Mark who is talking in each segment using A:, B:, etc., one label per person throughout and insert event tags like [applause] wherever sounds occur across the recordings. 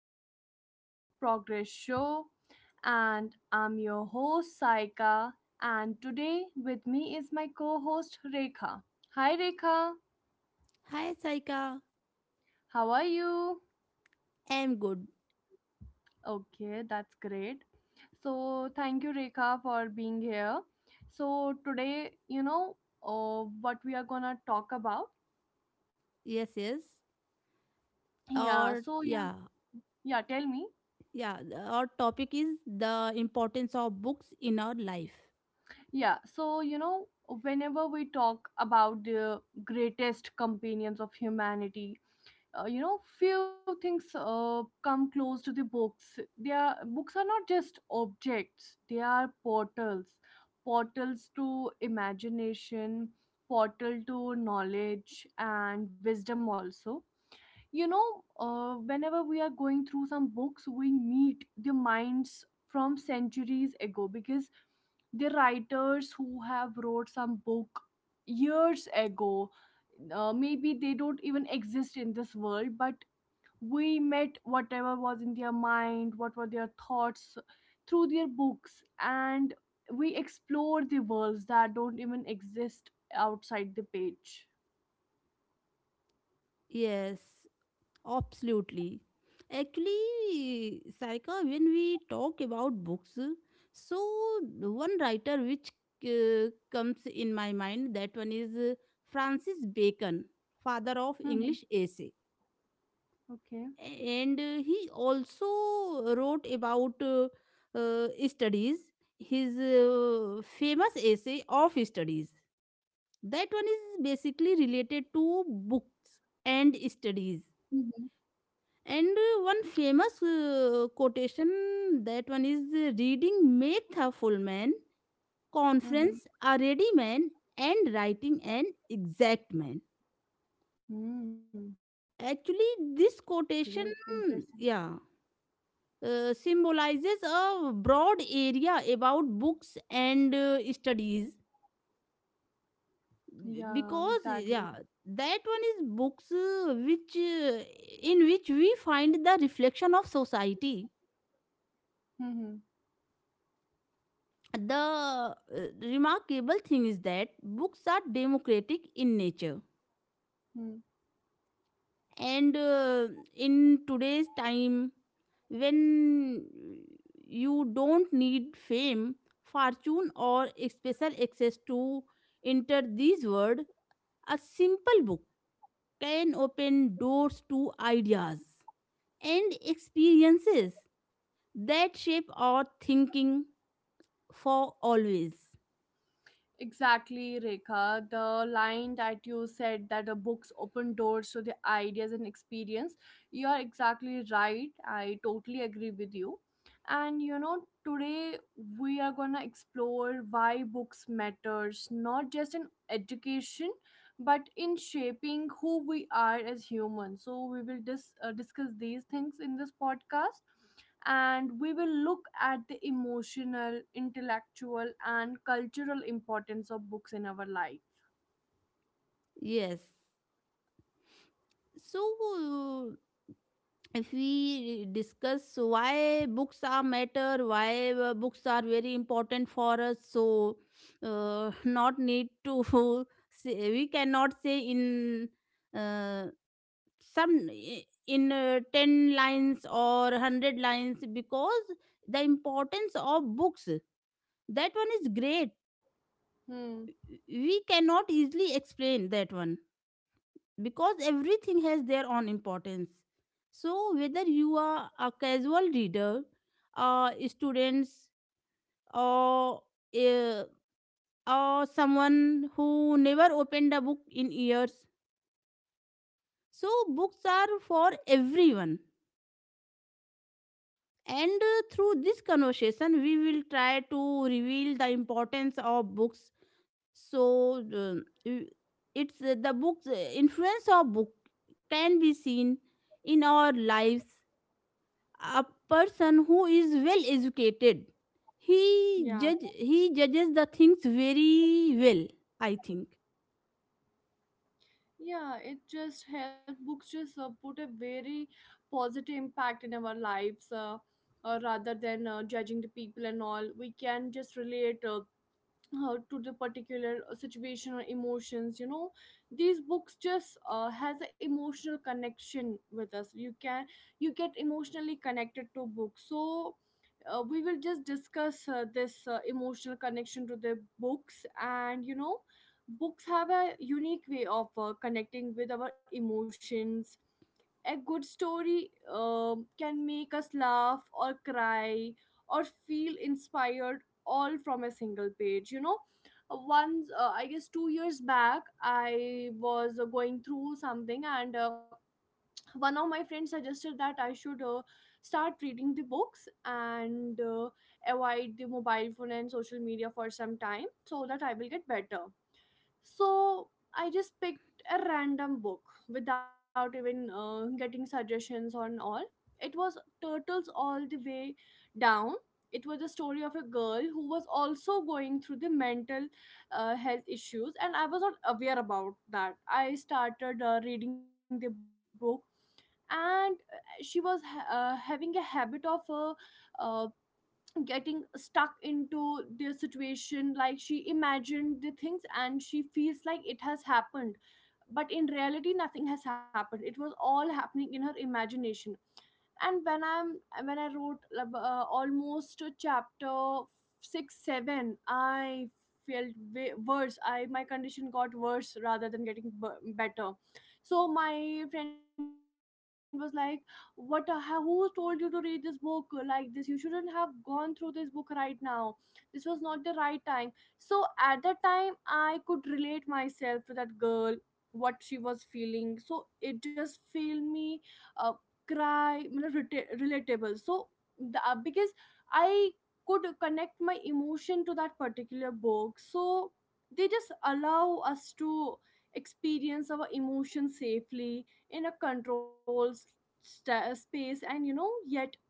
A: the Imperfect Progress Show. And I'm your host Saika. And today with me is my co host Rekha. Hi Rekha,
B: Hi, Saika.
A: how are you?
B: I'm good.
A: Okay, that's great. So, thank you Rekha for being here. So, today, what we are gonna talk about.
B: Yes, yes.
A: Yeah,
B: Or,
A: so, yeah,
B: yeah,
A: yeah, tell me.
B: yeah. Our topic is the importance of books in our life.
A: So, whenever we talk about the greatest companions of humanity, few things come close to the books. They are books are not just objects; they are portals, portals to imagination, portal to knowledge and wisdom also, whenever we are going through some books, we meet the minds from centuries ago, because the writers who have wrote some book years ago, maybe they don't even exist in this world, but we met whatever was in their mind, what were their thoughts through their books. And we explore the worlds that don't even exist outside the page.
B: Yes, absolutely. Actually, Saika, when we talk about books, so the one writer which comes in my mind, that one is Francis Bacon, father of
A: Mm-hmm.
B: English essay,
A: Okay.
B: and he also wrote about studies, his famous essay of studies. That one is basically related to books and
A: Mm-hmm.
B: studies, and one famous quotation, that one is reading makes a full man, conference a ready man, and writing an exact man.
A: Mm-hmm. Great,
B: Actually this
A: impressive.
B: quotation, yeah, symbolizes a broad area about books and studies,
A: Yeah,
B: because,
A: exactly.
B: yeah, that one is books which in which we find the reflection of society.
A: Mm-hmm.
B: The remarkable thing is that books are democratic in nature,
A: Hmm.
B: and in today's time, when you don't need fame, fortune, or special access to enter this world, a simple book can open doors to ideas and experiences that shape our thinking for always.
A: Exactly, Rekha. The line that you said, that the books open doors to the ideas and experience, you are exactly right. I totally agree with you. And you know, today we are going to explore why books matters, not just in education, but in shaping who we are as humans. So we will discuss these things in this podcast, and we will look at the emotional, intellectual, and cultural importance of books in our life.
B: Yes, so if we discuss why books are matter, why books are very important for us, so [laughs] not need to [laughs] say, we cannot say in uh, some in 10 lines or 100 lines, because the importance of books, that one is great.
A: Hmm.
B: We cannot easily explain that one because everything has their own importance. So, whether you are a casual reader, students, or uh, or someone who never opened a book in years, so books are for everyone. And through this conversation, we will try to reveal the importance of books. So, y- it's the books, influence of book can be seen in our lives. A person who is well educated, he
A: Yeah,
B: judge he judges the things very well, I think.
A: yeah, it just helps, books just put a very positive impact in our lives, rather than judging the people and all. We can just relate to the particular situation or emotions. You know, these books just has an emotional connection with us. You can you get emotionally connected to books, so we will just discuss this emotional connection to the books. And you know, books have a unique way of connecting with our emotions. A good story can make us laugh or cry or feel inspired, all from a single page, you know. Once I guess 2 years back, I was going through something, and one of my friends suggested that I should start reading the books, and avoid the mobile phone and social media for some time so that I will get better. So I just picked a random book without even getting suggestions on all. It was Turtles All the Way Down. It was the story of a girl who was also going through the mental health issues, and I was not aware about that. I started reading the book, and she was having a habit of uh, getting stuck into their situation, like she imagined the things and she feels like it has happened, but in reality nothing has happened. It was all happening in her imagination. And when I wrote almost chapter 6 7, I felt way worse. I, my condition got worse rather than getting better. So my friend was like, what, who told you to read this book like this? You shouldn't have gone through this book right now. This was not the right time. So at that time, I could relate myself to that girl, what she was feeling. So it just filled me, uh, cry मतलब relatable. So the, because I could connect my emotion to that particular book, so they just allow us to experience our emotion safely in a controlled space, and you know, yet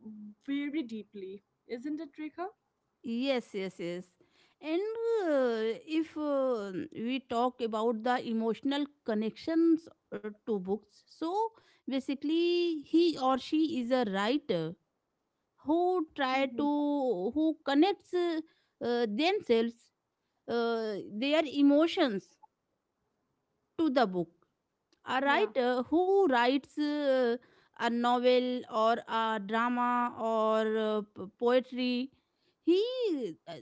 A: very deeply. Isn't it, Rekha?
B: Yes, yes, yes. And if we talk about the emotional connections to books, so basically he or she is a writer who try to
A: Mm-hmm.
B: who connects themselves, uh, their emotions to the book. A writer
A: Yeah.
B: who writes a novel or a drama or poetry, he uh,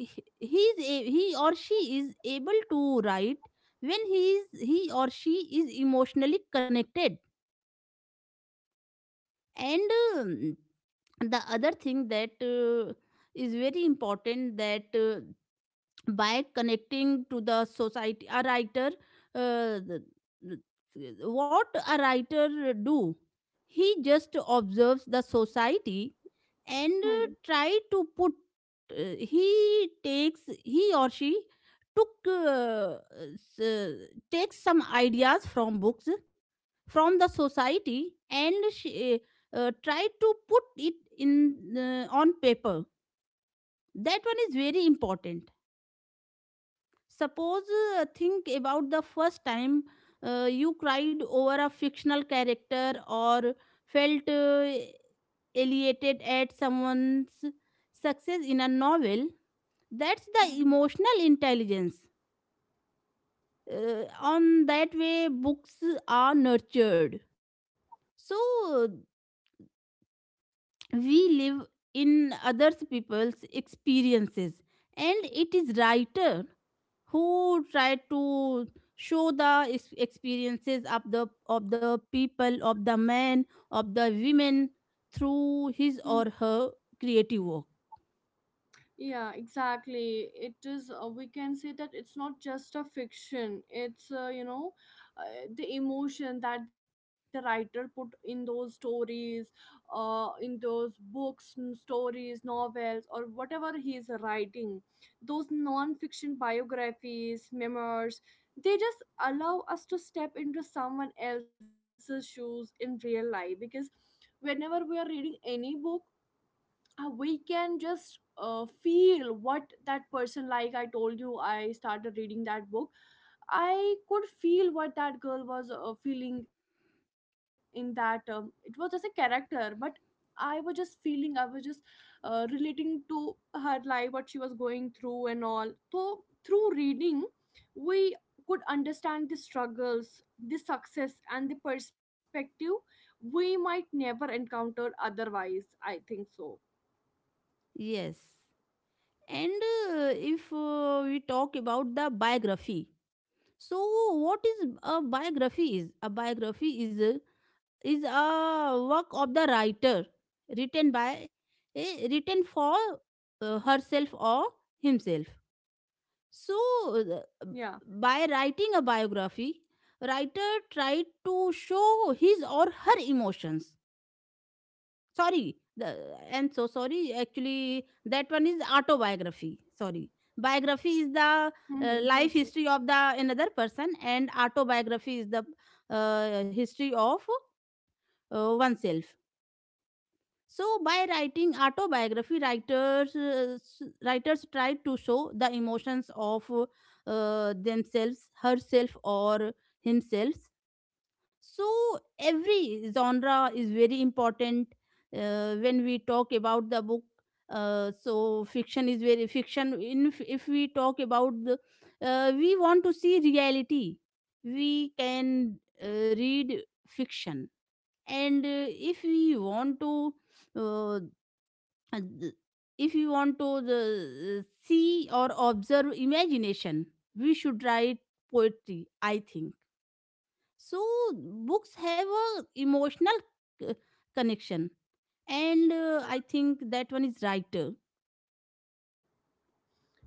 B: he he is he or she is able to write when he or she is emotionally connected. And, um, the other thing that is very important, that by connecting to the society, a writer, uh, what a writer do, he just observes the society and
A: Hmm.
B: try to put, he takes he or she took s- uh, takes some ideas from books, from the society, and she, try to put it in on paper. That one is very important. Suppose, think about the first time you cried over a fictional character or felt elated at someone's success in a novel. That's the
A: Mm-hmm.
B: emotional intelligence. On that way, books are nurtured. So, uh, we live in other people's experiences, and it is writer who try to show the experiences of the people, of the men, of the women, through his
A: Mm-hmm.
B: or her creative work.
A: Yeah, exactly. It is, we can say that it's not just a fiction. It's, the emotion that the writer put in those stories, in those books, stories, novels, or whatever he is writing. Those non fiction biographies, memoirs, they just allow us to step into someone else's shoes in real life. Because whenever we are reading any book, we can just feel what that person, like I told you, I started reading that book, I could feel what that girl was feeling in that. It was just a character, but I was just feeling, I was just relating to her life, what she was going through and all. So through reading, we could understand the struggles, the success and the perspective we might never encounter otherwise, I think so.
B: Yes. And if we talk about the biography, so what is a biography is? A biography is a work of the writer written by written for herself or himself. So, uh,
A: Yeah.
B: by writing a biography, writer tried to show his or her emotions. Sorry, I'm so sorry, actually that one is autobiography. Sorry, biography is the life
A: Mhm, for
B: history of
A: sure.
B: the another person, and autobiography is the history of oneself. So, by writing autobiography, writers writers try to show the emotions of themselves, herself, or himself. So, every genre is very important when we talk about the book. So, fiction is very fiction. In If we talk about we want to see reality, we can read fiction. And if we want to uh, uh, th- if you want to see or observe imagination, we should write poetry, I think. So books have a emotional c- connection, and I think that one is right.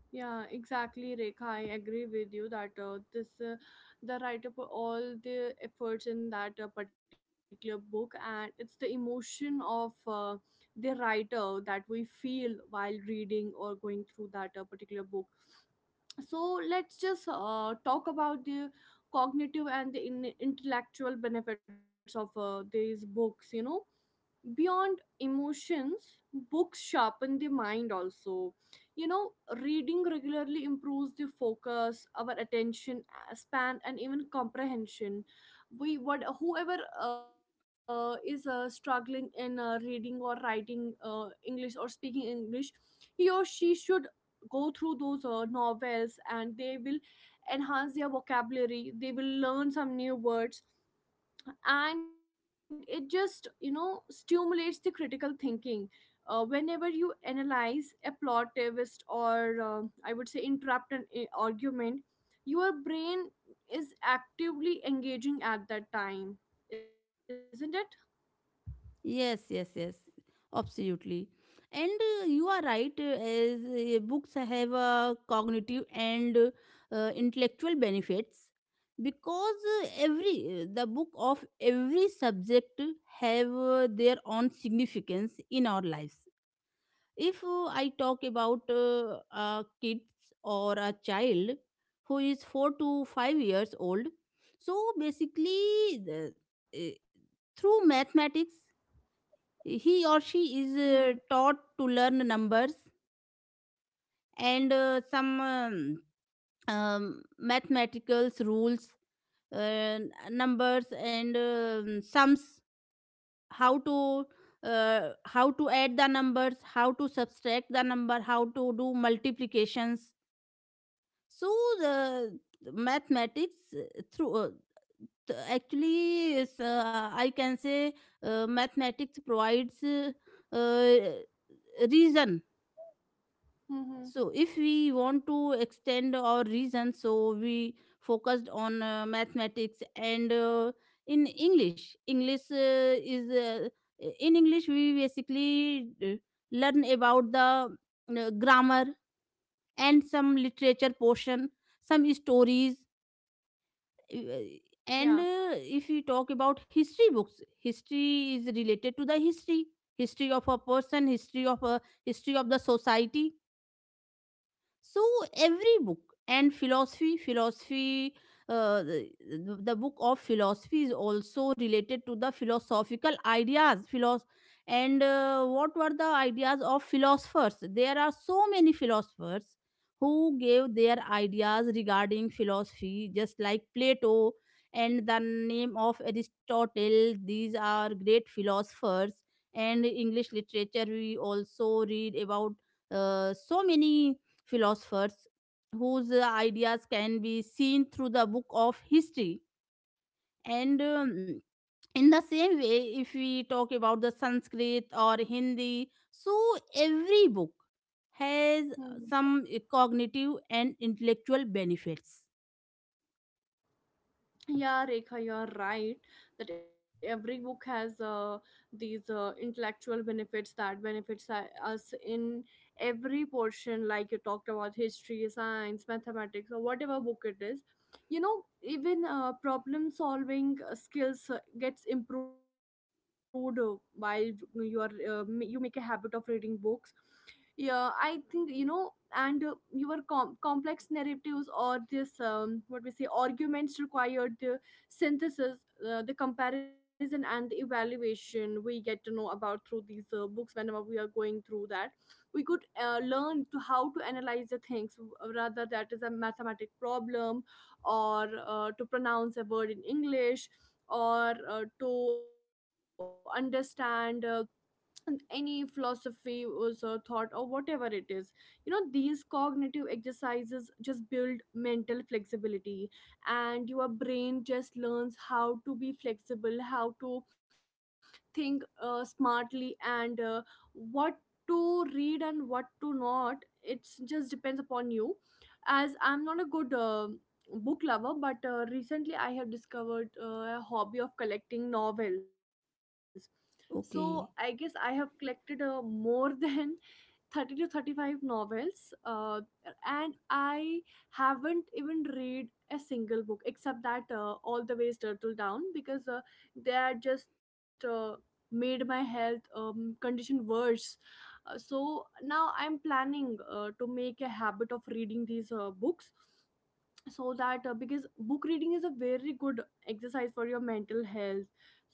A: Yeah, exactly, Rekha. I agree with you that this the writer put all the efforts in that particular book, and it's the emotion of the writer that we feel while reading or going through that particular book. So let's just talk about the cognitive and the intellectual benefits of these books. You know, beyond emotions, books sharpen the mind also, you know. Reading regularly improves the focus, our attention span and even comprehension. We, what, whoever is struggling in reading or writing english, or speaking english, he or she should go through those novels, and they will enhance their vocabulary, they will learn some new words. And it just, you know, stimulates the critical thinking. Whenever you analyze a plot twist, or I would say interrupt an argument, your brain is actively engaging at that time, isn't it?
B: Yes, yes, yes, absolutely. And you are right, as books have cognitive and intellectual benefits, because every the book of every subject have their own significance in our lives. If I talk about a kids or a child who is 4 to 5 years old, so basically uh, through mathematics he or
A: Mm-hmm.
B: she is taught to learn numbers, and some mathematical rules, numbers, and sums, how to how to add the numbers, how to subtract the number, how to do multiplications. So the mathematics, through uh, actually is, I can say mathematics provides uh, reason.
A: Mm-hmm.
B: So, if we want to extend our reason, so we focused on mathematics, and in English. English is in English we basically learn about the grammar and some literature portion, some stories. uh,
A: Yeah.
B: And if we talk about history books, history is related to the history, history of a person, history of the society. So every book, and philosophy, philosophy, the book of philosophy is also related to the philosophical ideas, and what were the ideas of philosophers. There are so many philosophers who gave their ideas regarding philosophy, just like Plato and the name of Aristotle. These are great philosophers, and English literature, we also read about so many philosophers whose ideas can be seen through the book of history. And in the same way, if we talk about the Sanskrit or Hindi, so every book has
A: Mm-hmm.
B: some cognitive and intellectual benefits.
A: Yeah, Rekha, you're right that every book has these intellectual benefits, that benefits us in every portion. Like you talked about history, science, mathematics, or whatever book it is, you know. Even problem solving skills gets improved while you are you make a habit of reading books, yeah, I think, you know. And complex narratives or this, what we say, arguments required the synthesis, the comparison and the evaluation, we get to know about through these books. Whenever we are going through that, we could learn to how to analyze the things, rather that is a mathematic problem, or to pronounce a word in english, or to understand any philosophy was a thought, or whatever it is, you know. These cognitive exercises just build mental flexibility, and your brain just learns how to be flexible, how to think smartly. And what to read and what to not, it just depends upon you. As I'm not a good book lover, but recently I have discovered a hobby of collecting novels. So I guess I have
B: Okay.
A: collected more than [laughs] 30 to 35 novels, and I haven't even read a single book except that All the Ways Turtle Down, because they had just made my health condition worse. So now I'm planning to make a habit of reading these books, so that, because book reading is a very good exercise for your mental health.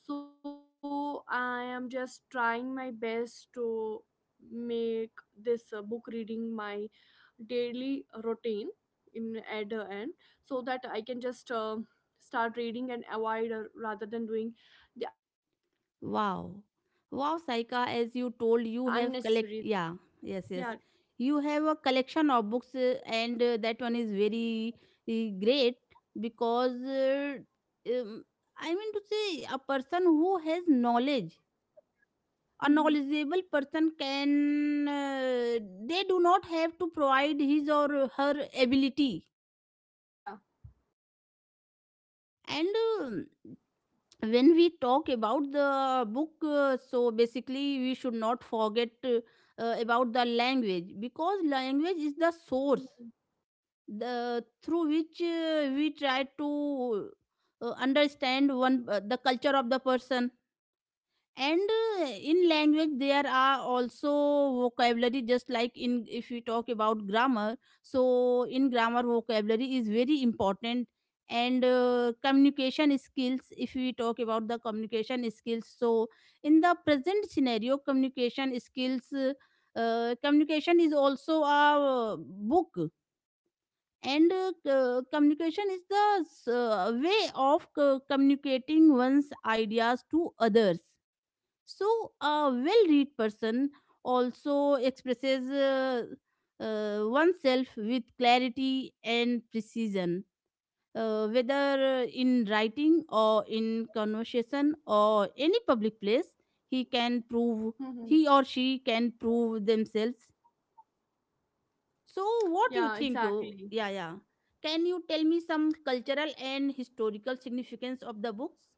A: So I am just trying my best to make this book reading my daily routine in at the end, so that I can just start reading and avoid, rather than doing the unnecessary things,
B: Wow.
A: you know.
B: Wow,
A: Yeah, because
B: Saika,
A: it.
B: as you told, you have collect. Yeah, yes, yes.
A: Yeah.
B: You have a collection of books, and that one is very great, because um, I mean to say, a person who has knowledge,
A: Mm-hmm.
B: a knowledgeable person can. They do not have to provide his or her ability,
A: Yeah.
B: and. um when we talk about the book, so basically we should not forget about the language, because language is the
A: Mm-hmm.
B: source, the through which we try to understand one the culture of the person. And in language there are also vocabulary. Just like in if we talk about grammar, so in grammar vocabulary is very important. And communication skills, if we talk about the communication skills, so in the present scenario communication skills, communication is also a book. And communication is the way of communicating one's ideas to others. So, a well read person also expresses oneself with clarity and precision, whether in writing or in conversation or any public place, he can
A: Mm-hmm.
B: prove he or she can prove themselves. So,
A: Yeah,
B: what do you think?
A: exactly.
B: Oh, yeah, yeah. Can you tell me some cultural and historical significance of the books?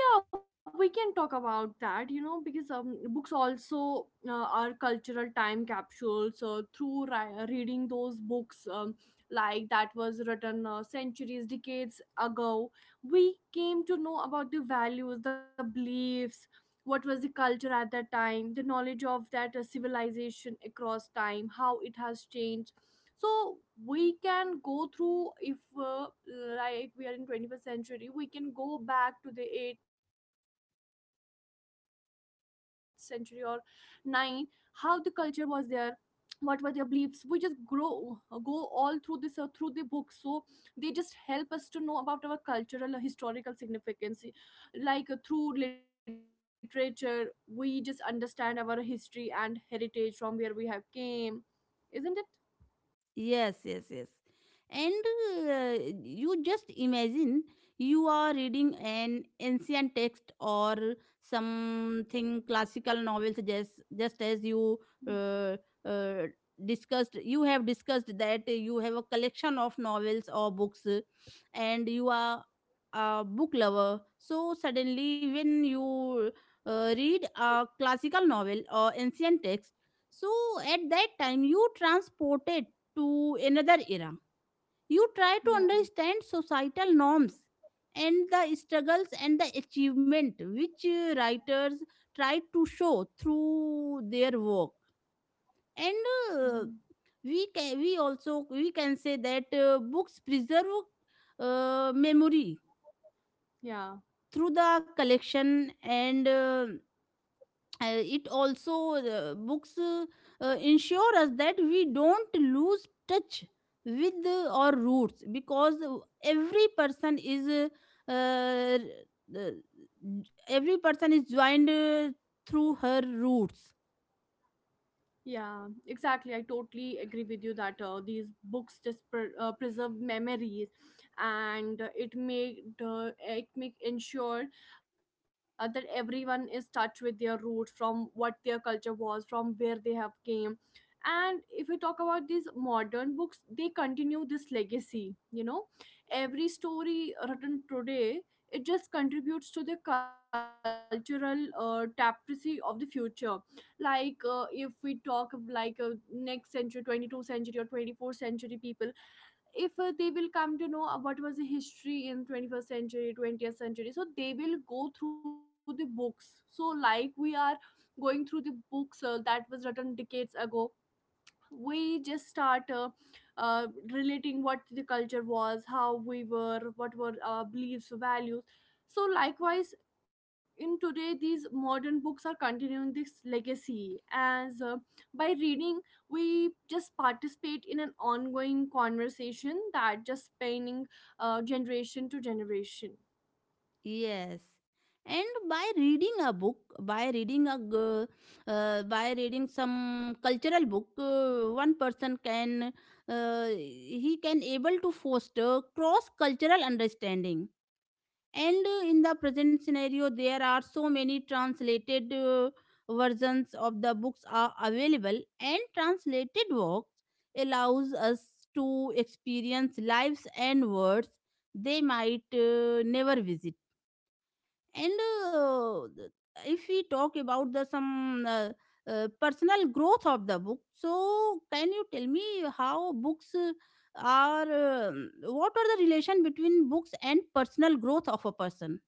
A: Yeah, we can talk about that, you know. Because books also are cultural time capsules. Through reading those books, like that was written centuries, decades ago, we came to know about the values, the beliefs, what was the culture at that time, the knowledge of that civilization across time, how it has changed. So we can go through, if like we are in 21st century, we can go back to the 8th century or 9, how the culture was there, what were their beliefs. We just grow go all through this, through the book. So they just help us to know about our cultural, historical significance. Like through literature, we just understand our history and heritage, from where we have came, isn't it?
B: Yes, yes, yes. And you just imagine, you are reading an ancient text or something classical novels, just as you uh, uh, discussed, you have discussed that you have a collection of novels or books, and you are a book lover. So suddenly when you read a classical novel or ancient text, so at that time you transported to another era. You try to understand
A: Yeah.
B: societal norms and the struggles and the achievement which writers try to show through their work. And uh,
A: Mhm.
B: we can, we also we can say that books preserve memory through
A: Yeah,
B: the collection. And it also books ensure us that we don't lose touch with our roots, because every person is uh, uh, uh, every person is joined through her roots.
A: yeah, exactly. I totally agree with you that these books just preserve memories, and it make ensure that everyone is touch with their roots, from what their culture was, from where they have came. And if we talk about these modern books, they continue this legacy. You know, every story written today it just contributes to the cultural tapestry of the future. Like if we talk of like next century, 22nd century or 24th century people, if they will come to know what was the history in 21st century, 20th century, so they will go through the books. So like we are going through the books that was written decades ago, we just start uh, relating what the culture was, how we were, what were our beliefs, values. So likewise in today, these modern books are continuing this legacy as, by reading, we just participate in an ongoing conversation that just spanning generation to generation.
B: Yes, and by reading a book, by reading some cultural book, one person can he can able to foster cross cultural understanding. And in the present scenario there are so many translated versions of the books are available, and translated works allows us to experience lives and words they might never visit. And uh, th- if we talk about the some personal growth of the book, so can you tell me how books are, what are the relation between books and personal growth of a person?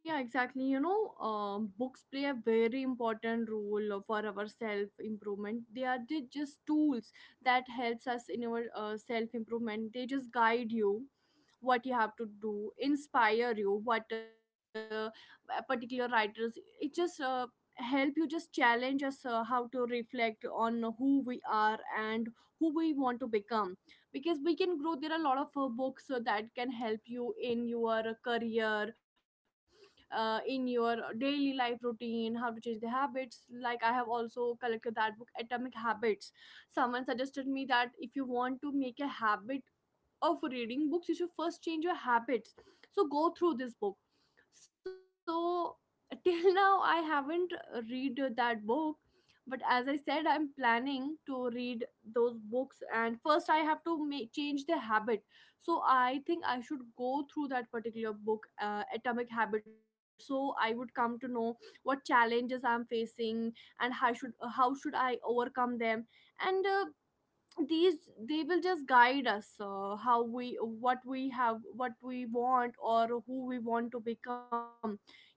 A: Yeah, exactly. You know, books play a very important role for our self-improvement. They are just tools that helps us in our self-improvement. They just guide you what you have to do, inspire you. What particular writers, it just help you, just challenge us how to reflect on who we are and who we want to become, because we can grow. There are a lot of books that can help you in your career, in your daily life routine, how to change the habits. Like I have also collected that book, Atomic Habits. Someone suggested me that if you want to make a habit of reading books, you should first change your habits. So go through this book. So till [laughs] now I haven't read that book, but as I said, I'm planning to read those books, and first I have to make, change the habit. So I think I should go through that particular book, Atomic Habits, so I would come to know what challenges I'm facing and how should, how should I overcome them. And these, they will just guide us how we, what we have, what we want, or who we want to become. You know,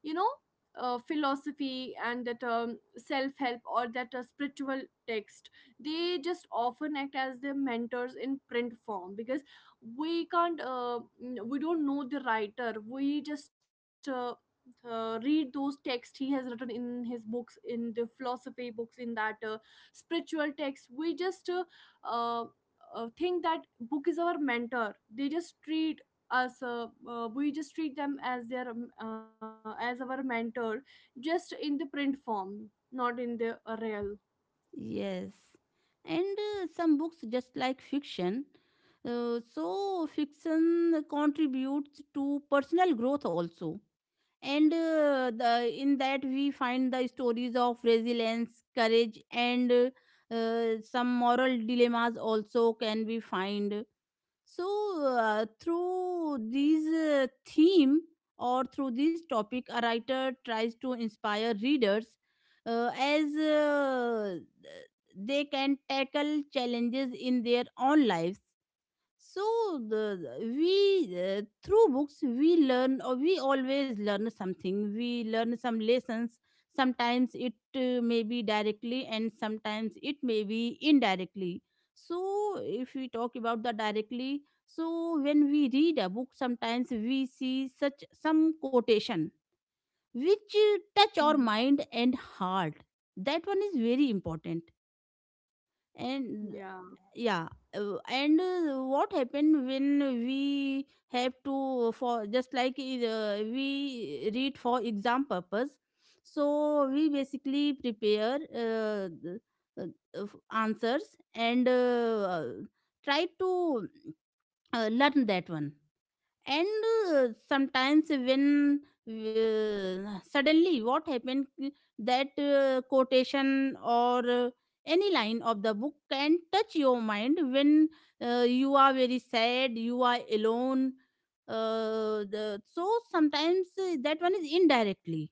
A: philosophy and that self-help or that spiritual text, they just often act as their mentors in print form, because we can't, we don't know the writer. We just read those texts he has written in his books, in the philosophy books, in that spiritual text. We just uh, think that book is our mentor. They just treat us We just treat them as their as our mentor, just in the print form, not in the real.
B: Yes, and some books, just like fiction, so fiction contributes to personal growth also. And in that we find the stories of resilience, courage, and some moral dilemmas also can be found, so through these theme or through this topic a writer tries to inspire readers, as they can tackle challenges in their own lives. So the- we through books we learn, or we always learn something. We learn some lessons. Sometimes it may be directly and sometimes it may be indirectly. So if we talk about the directly, so when we read a book, sometimes we see such some quotation which touch our
A: Mhm.
B: mind and heart. That one is very important. and
A: Yeah.
B: yeah uh, and uh, what happened when we have to, for just like, we read for exam purpose, so we basically prepare uh, uh, answers and try to learn that one. And sometimes when suddenly what happened, that quotation or any line of the book can touch your mind when you are very sad, you are alone. So sometimes that one is indirectly.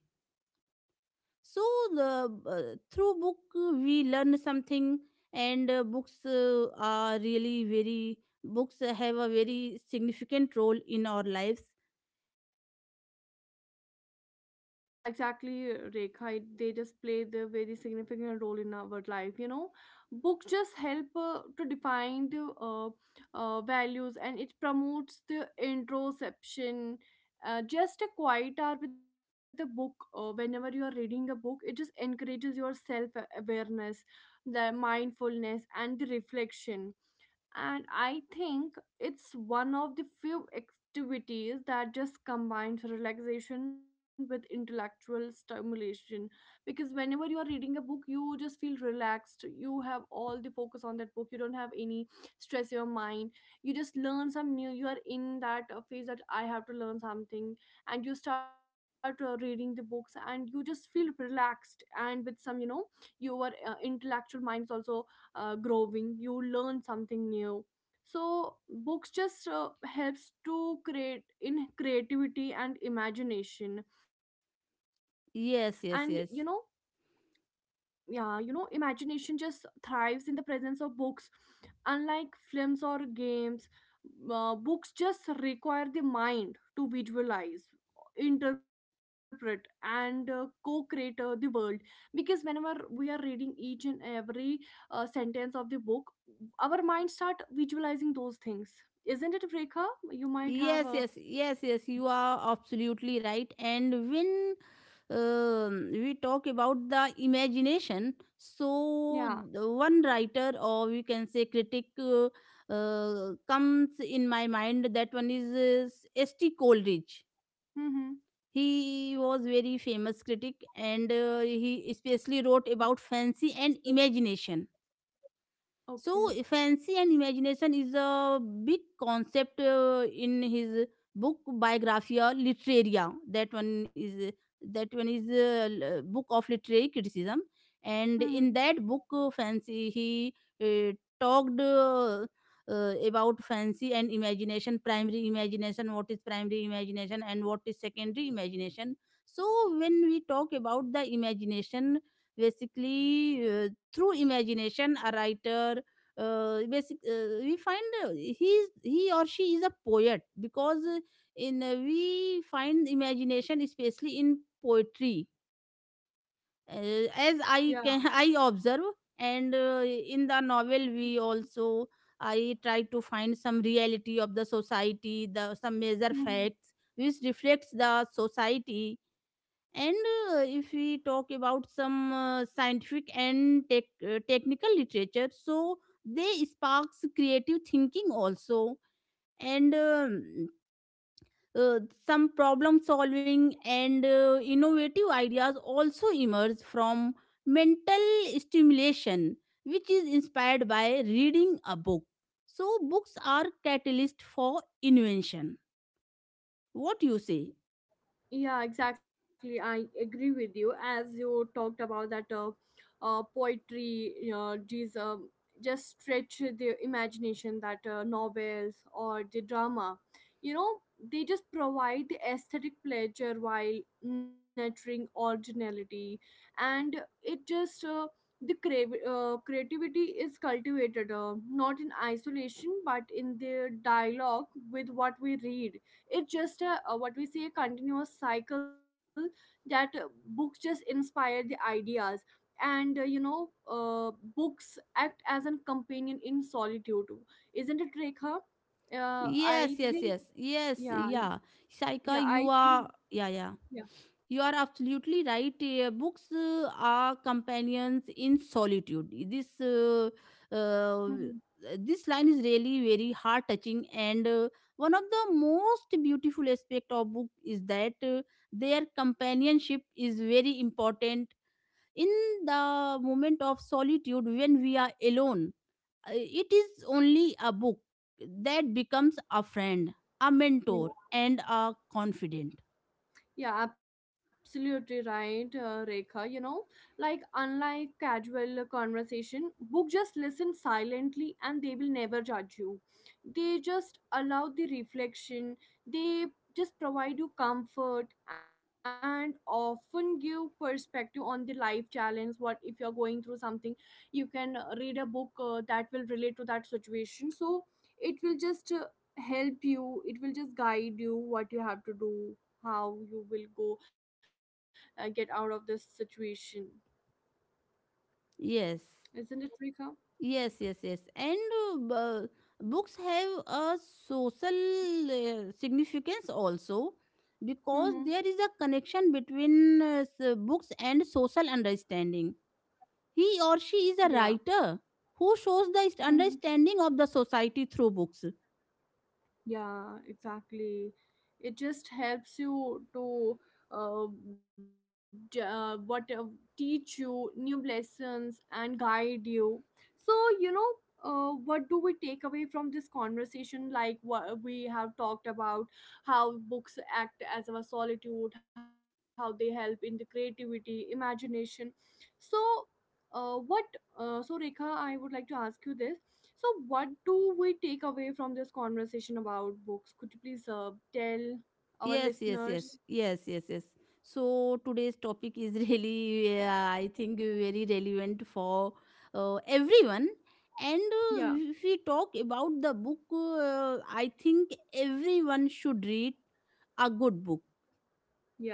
B: So the through book we learn something. And books have a very significant role in our lives.
A: Yeah, exactly, Rekha. They just play the very significant role in our life. You know, books just help to define the values, and it promotes the introspection. Just a quiet hour with a book. Whenever you are reading a book, it just encourages your self awareness, the mindfulness, and the reflection. And I think it's one of the few activities that just combines relaxation with intellectual stimulation, because whenever you are reading a book, you just feel relaxed. You have all the focus on that book. You don't have any stress in your mind. You just learn some new. You are in that phase that I have to learn something, and you start reading the books, and you just feel relaxed, and with some, you know, your intellectual mind is also growing. You learn something new. So books just helps to create in creativity and imagination. And you know,
B: Yes, yes, yes.
A: yeah, you know, imagination just thrives in the presence of books. Unlike films or games, books just require the mind to visualize, interpret and co-create the world. Because whenever we are reading each and every sentence of the book, our mind start visualizing those things. Isn't it, Rekha? You might have
B: Yes,
A: a,
B: yes, yes, yes. You are absolutely right. And when we talk about the imagination,
A: yeah.
B: so the one writer, or we can say critic, comes in my mind. That one is S.T. Coleridge.
A: Mm-hmm.
B: He was very famous critic, and he especially wrote about fancy and imagination. So
A: Okay.
B: fancy and imagination is a big concept in his book Biographia Literaria. That one is a book of literary criticism, and in
A: Mm-hmm.
B: that book, fancy he uh, talked. About fancy and imagination, primary imagination, what is primary imagination and what is secondary imagination. So when we talk about the imagination, basically through imagination a writer, basic we find, he or she is a poet, because in we find imagination especially in poetry, as I can
A: Yeah.
B: [laughs] I observe. And in the novel we also, I try to find some reality of the society, the some major
A: Mm-hmm.
B: facts which reflects the society. And if we talk about some scientific and technical literature, so they sparks creative thinking also, and uh, some problem solving and innovative ideas also emerge from mental stimulation, which is inspired by reading a book. So books are catalyst for invention. What you say?
A: Yeah, exactly. I agree with you. As you talked about that, poetry, these just stretch the imagination, that novels or the drama, you know, they just provide the aesthetic pleasure while nurturing originality. And it just the crave, creativity is cultivated not in isolation, but in the dialogue with what we read. It's just a what we say, a continuous cycle, that books just inspire the ideas. And you know, books act as a companion in solitude too. Isn't it, Rekha?
B: Yes, yes, yes,
A: I think,
B: yes, yeah.
A: yeah,
B: Saika, you
A: yeah,
B: are,
A: I
B: yeah, yeah.
A: think,
B: You are
A: yeah.
B: absolutely right. Books are companions in solitude. Uh,
A: Hmm.
B: this line is really very heart touching, and one of the most beautiful aspect of book is that their companionship is very important in the moment of solitude when we are alone. It is only a book that becomes a friend, a mentor, and a confidant.
A: Yeah, absolutely right, Rekha. You know, like unlike casual conversation, book just listen silently and they will never judge you. They just allow the reflection. They just provide you comfort, and often give perspective on the life challenge. What if you're going through something, you can read a book that will relate to that situation. So it will just help you. It will just guide you what you have to do, how you will go get out of this situation.
B: Yes,
A: Isn't it, Rika?
B: yes, yes, yes. And books have a social significance also, because
A: Mm-hmm.
B: there is a connection between books and social understanding. He
A: Yeah.
B: or she is a writer who shows
A: Mm-hmm.
B: the understanding of the society through books.
A: Yeah, exactly. It just helps you to uh, j- what teach you new lessons and guide you. So you know, what do we take away from this conversation? Like what we have talked about, how books act as our solitude, how they help in the creativity, imagination. So, what so, Rekha, I would like to ask you this. So, what do we take away from this conversation about books? Could you please tell our
B: Yes, yes, yes,
A: listeners?
B: yes, yes, yes. So today's topic is [laughs] really, I think, very relevant for everyone. And
A: Yeah,
B: if we talk about the book, I think everyone should read a good book,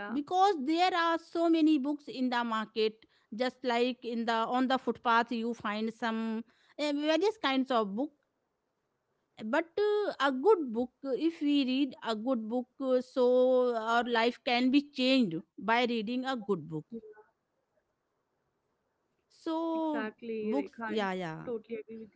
A: yeah,
B: because there are so many books in the market, just like in the, on the footpath you find some various kinds of book. But a good book, if we read a good book, so our life can be changed by reading a
A: yeah,
B: good book. So
A: exactly, Rekha.
B: books,
A: I
B: yeah, yeah,
A: totally agree with you.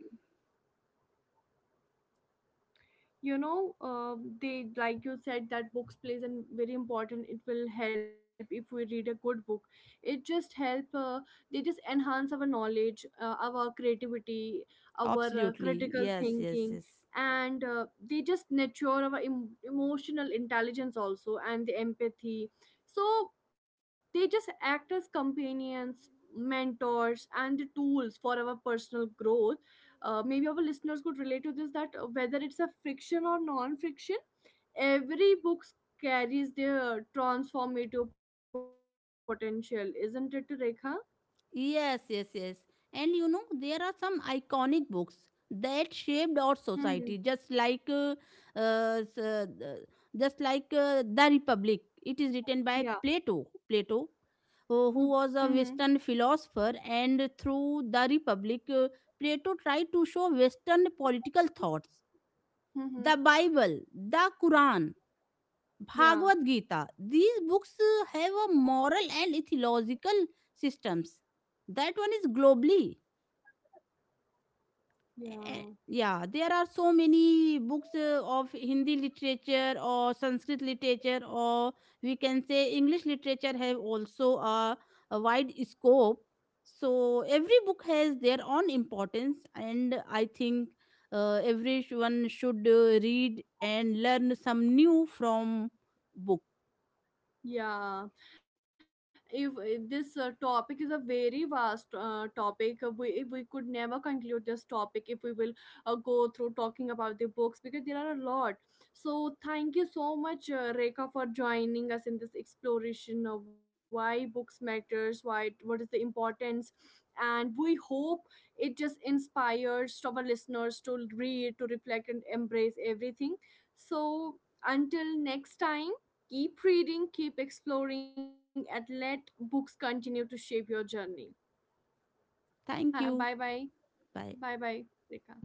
A: You know, they, like you said that books plays and very important. It will help if we read a good book. It just help, they just enhance our knowledge, our creativity, our
B: absolutely,
A: critical
B: yes, yes,
A: thinking.
B: yes.
A: And they just nurture our emotional intelligence also, and the empathy. So they just act as companions, mentors, and the tools for our personal growth. Uh, maybe our listeners could relate to this, that whether it's a friction or non-friction, every book carries their transformative potential. Isn't it, Rekha?
B: Yes, yes, yes. And you know, there are some iconic books that shaped our
A: Mm-hmm.
B: society, just like, uh, s- uh, the- just like The Republic. It is written by
A: Yeah.
B: Plato. Plato, who was a
A: Mm-hmm.
B: Western philosopher, and through The Republic, Plato tried to show Western political thoughts. The
A: Mm-hmm.
B: Bible, the Quran, Bhagavad
A: Yeah.
B: Gita. These books have a moral and ethological systems. That one is globally. Eh,
A: Yeah.
B: yeah, there are so many books of Hindi literature or Sanskrit literature, or we can say English literature have also a wide scope. So every book has their own importance, and I think everyone should read and learn some new from book.
A: Yeah, if this topic is a very vast topic, we, if we could never conclude this topic, if we will go through talking about the books, because there are a lot. So thank you so much, Rekha, for joining us in this exploration of why books matters, what is the importance, and we hope it just inspires our listeners to read, to reflect, and embrace everything. So until next time, keep reading, keep exploring, and let books continue to shape your journey.
B: Thank
A: Bye
B: you.
A: bye.
B: But
A: Bye bye, Rekha.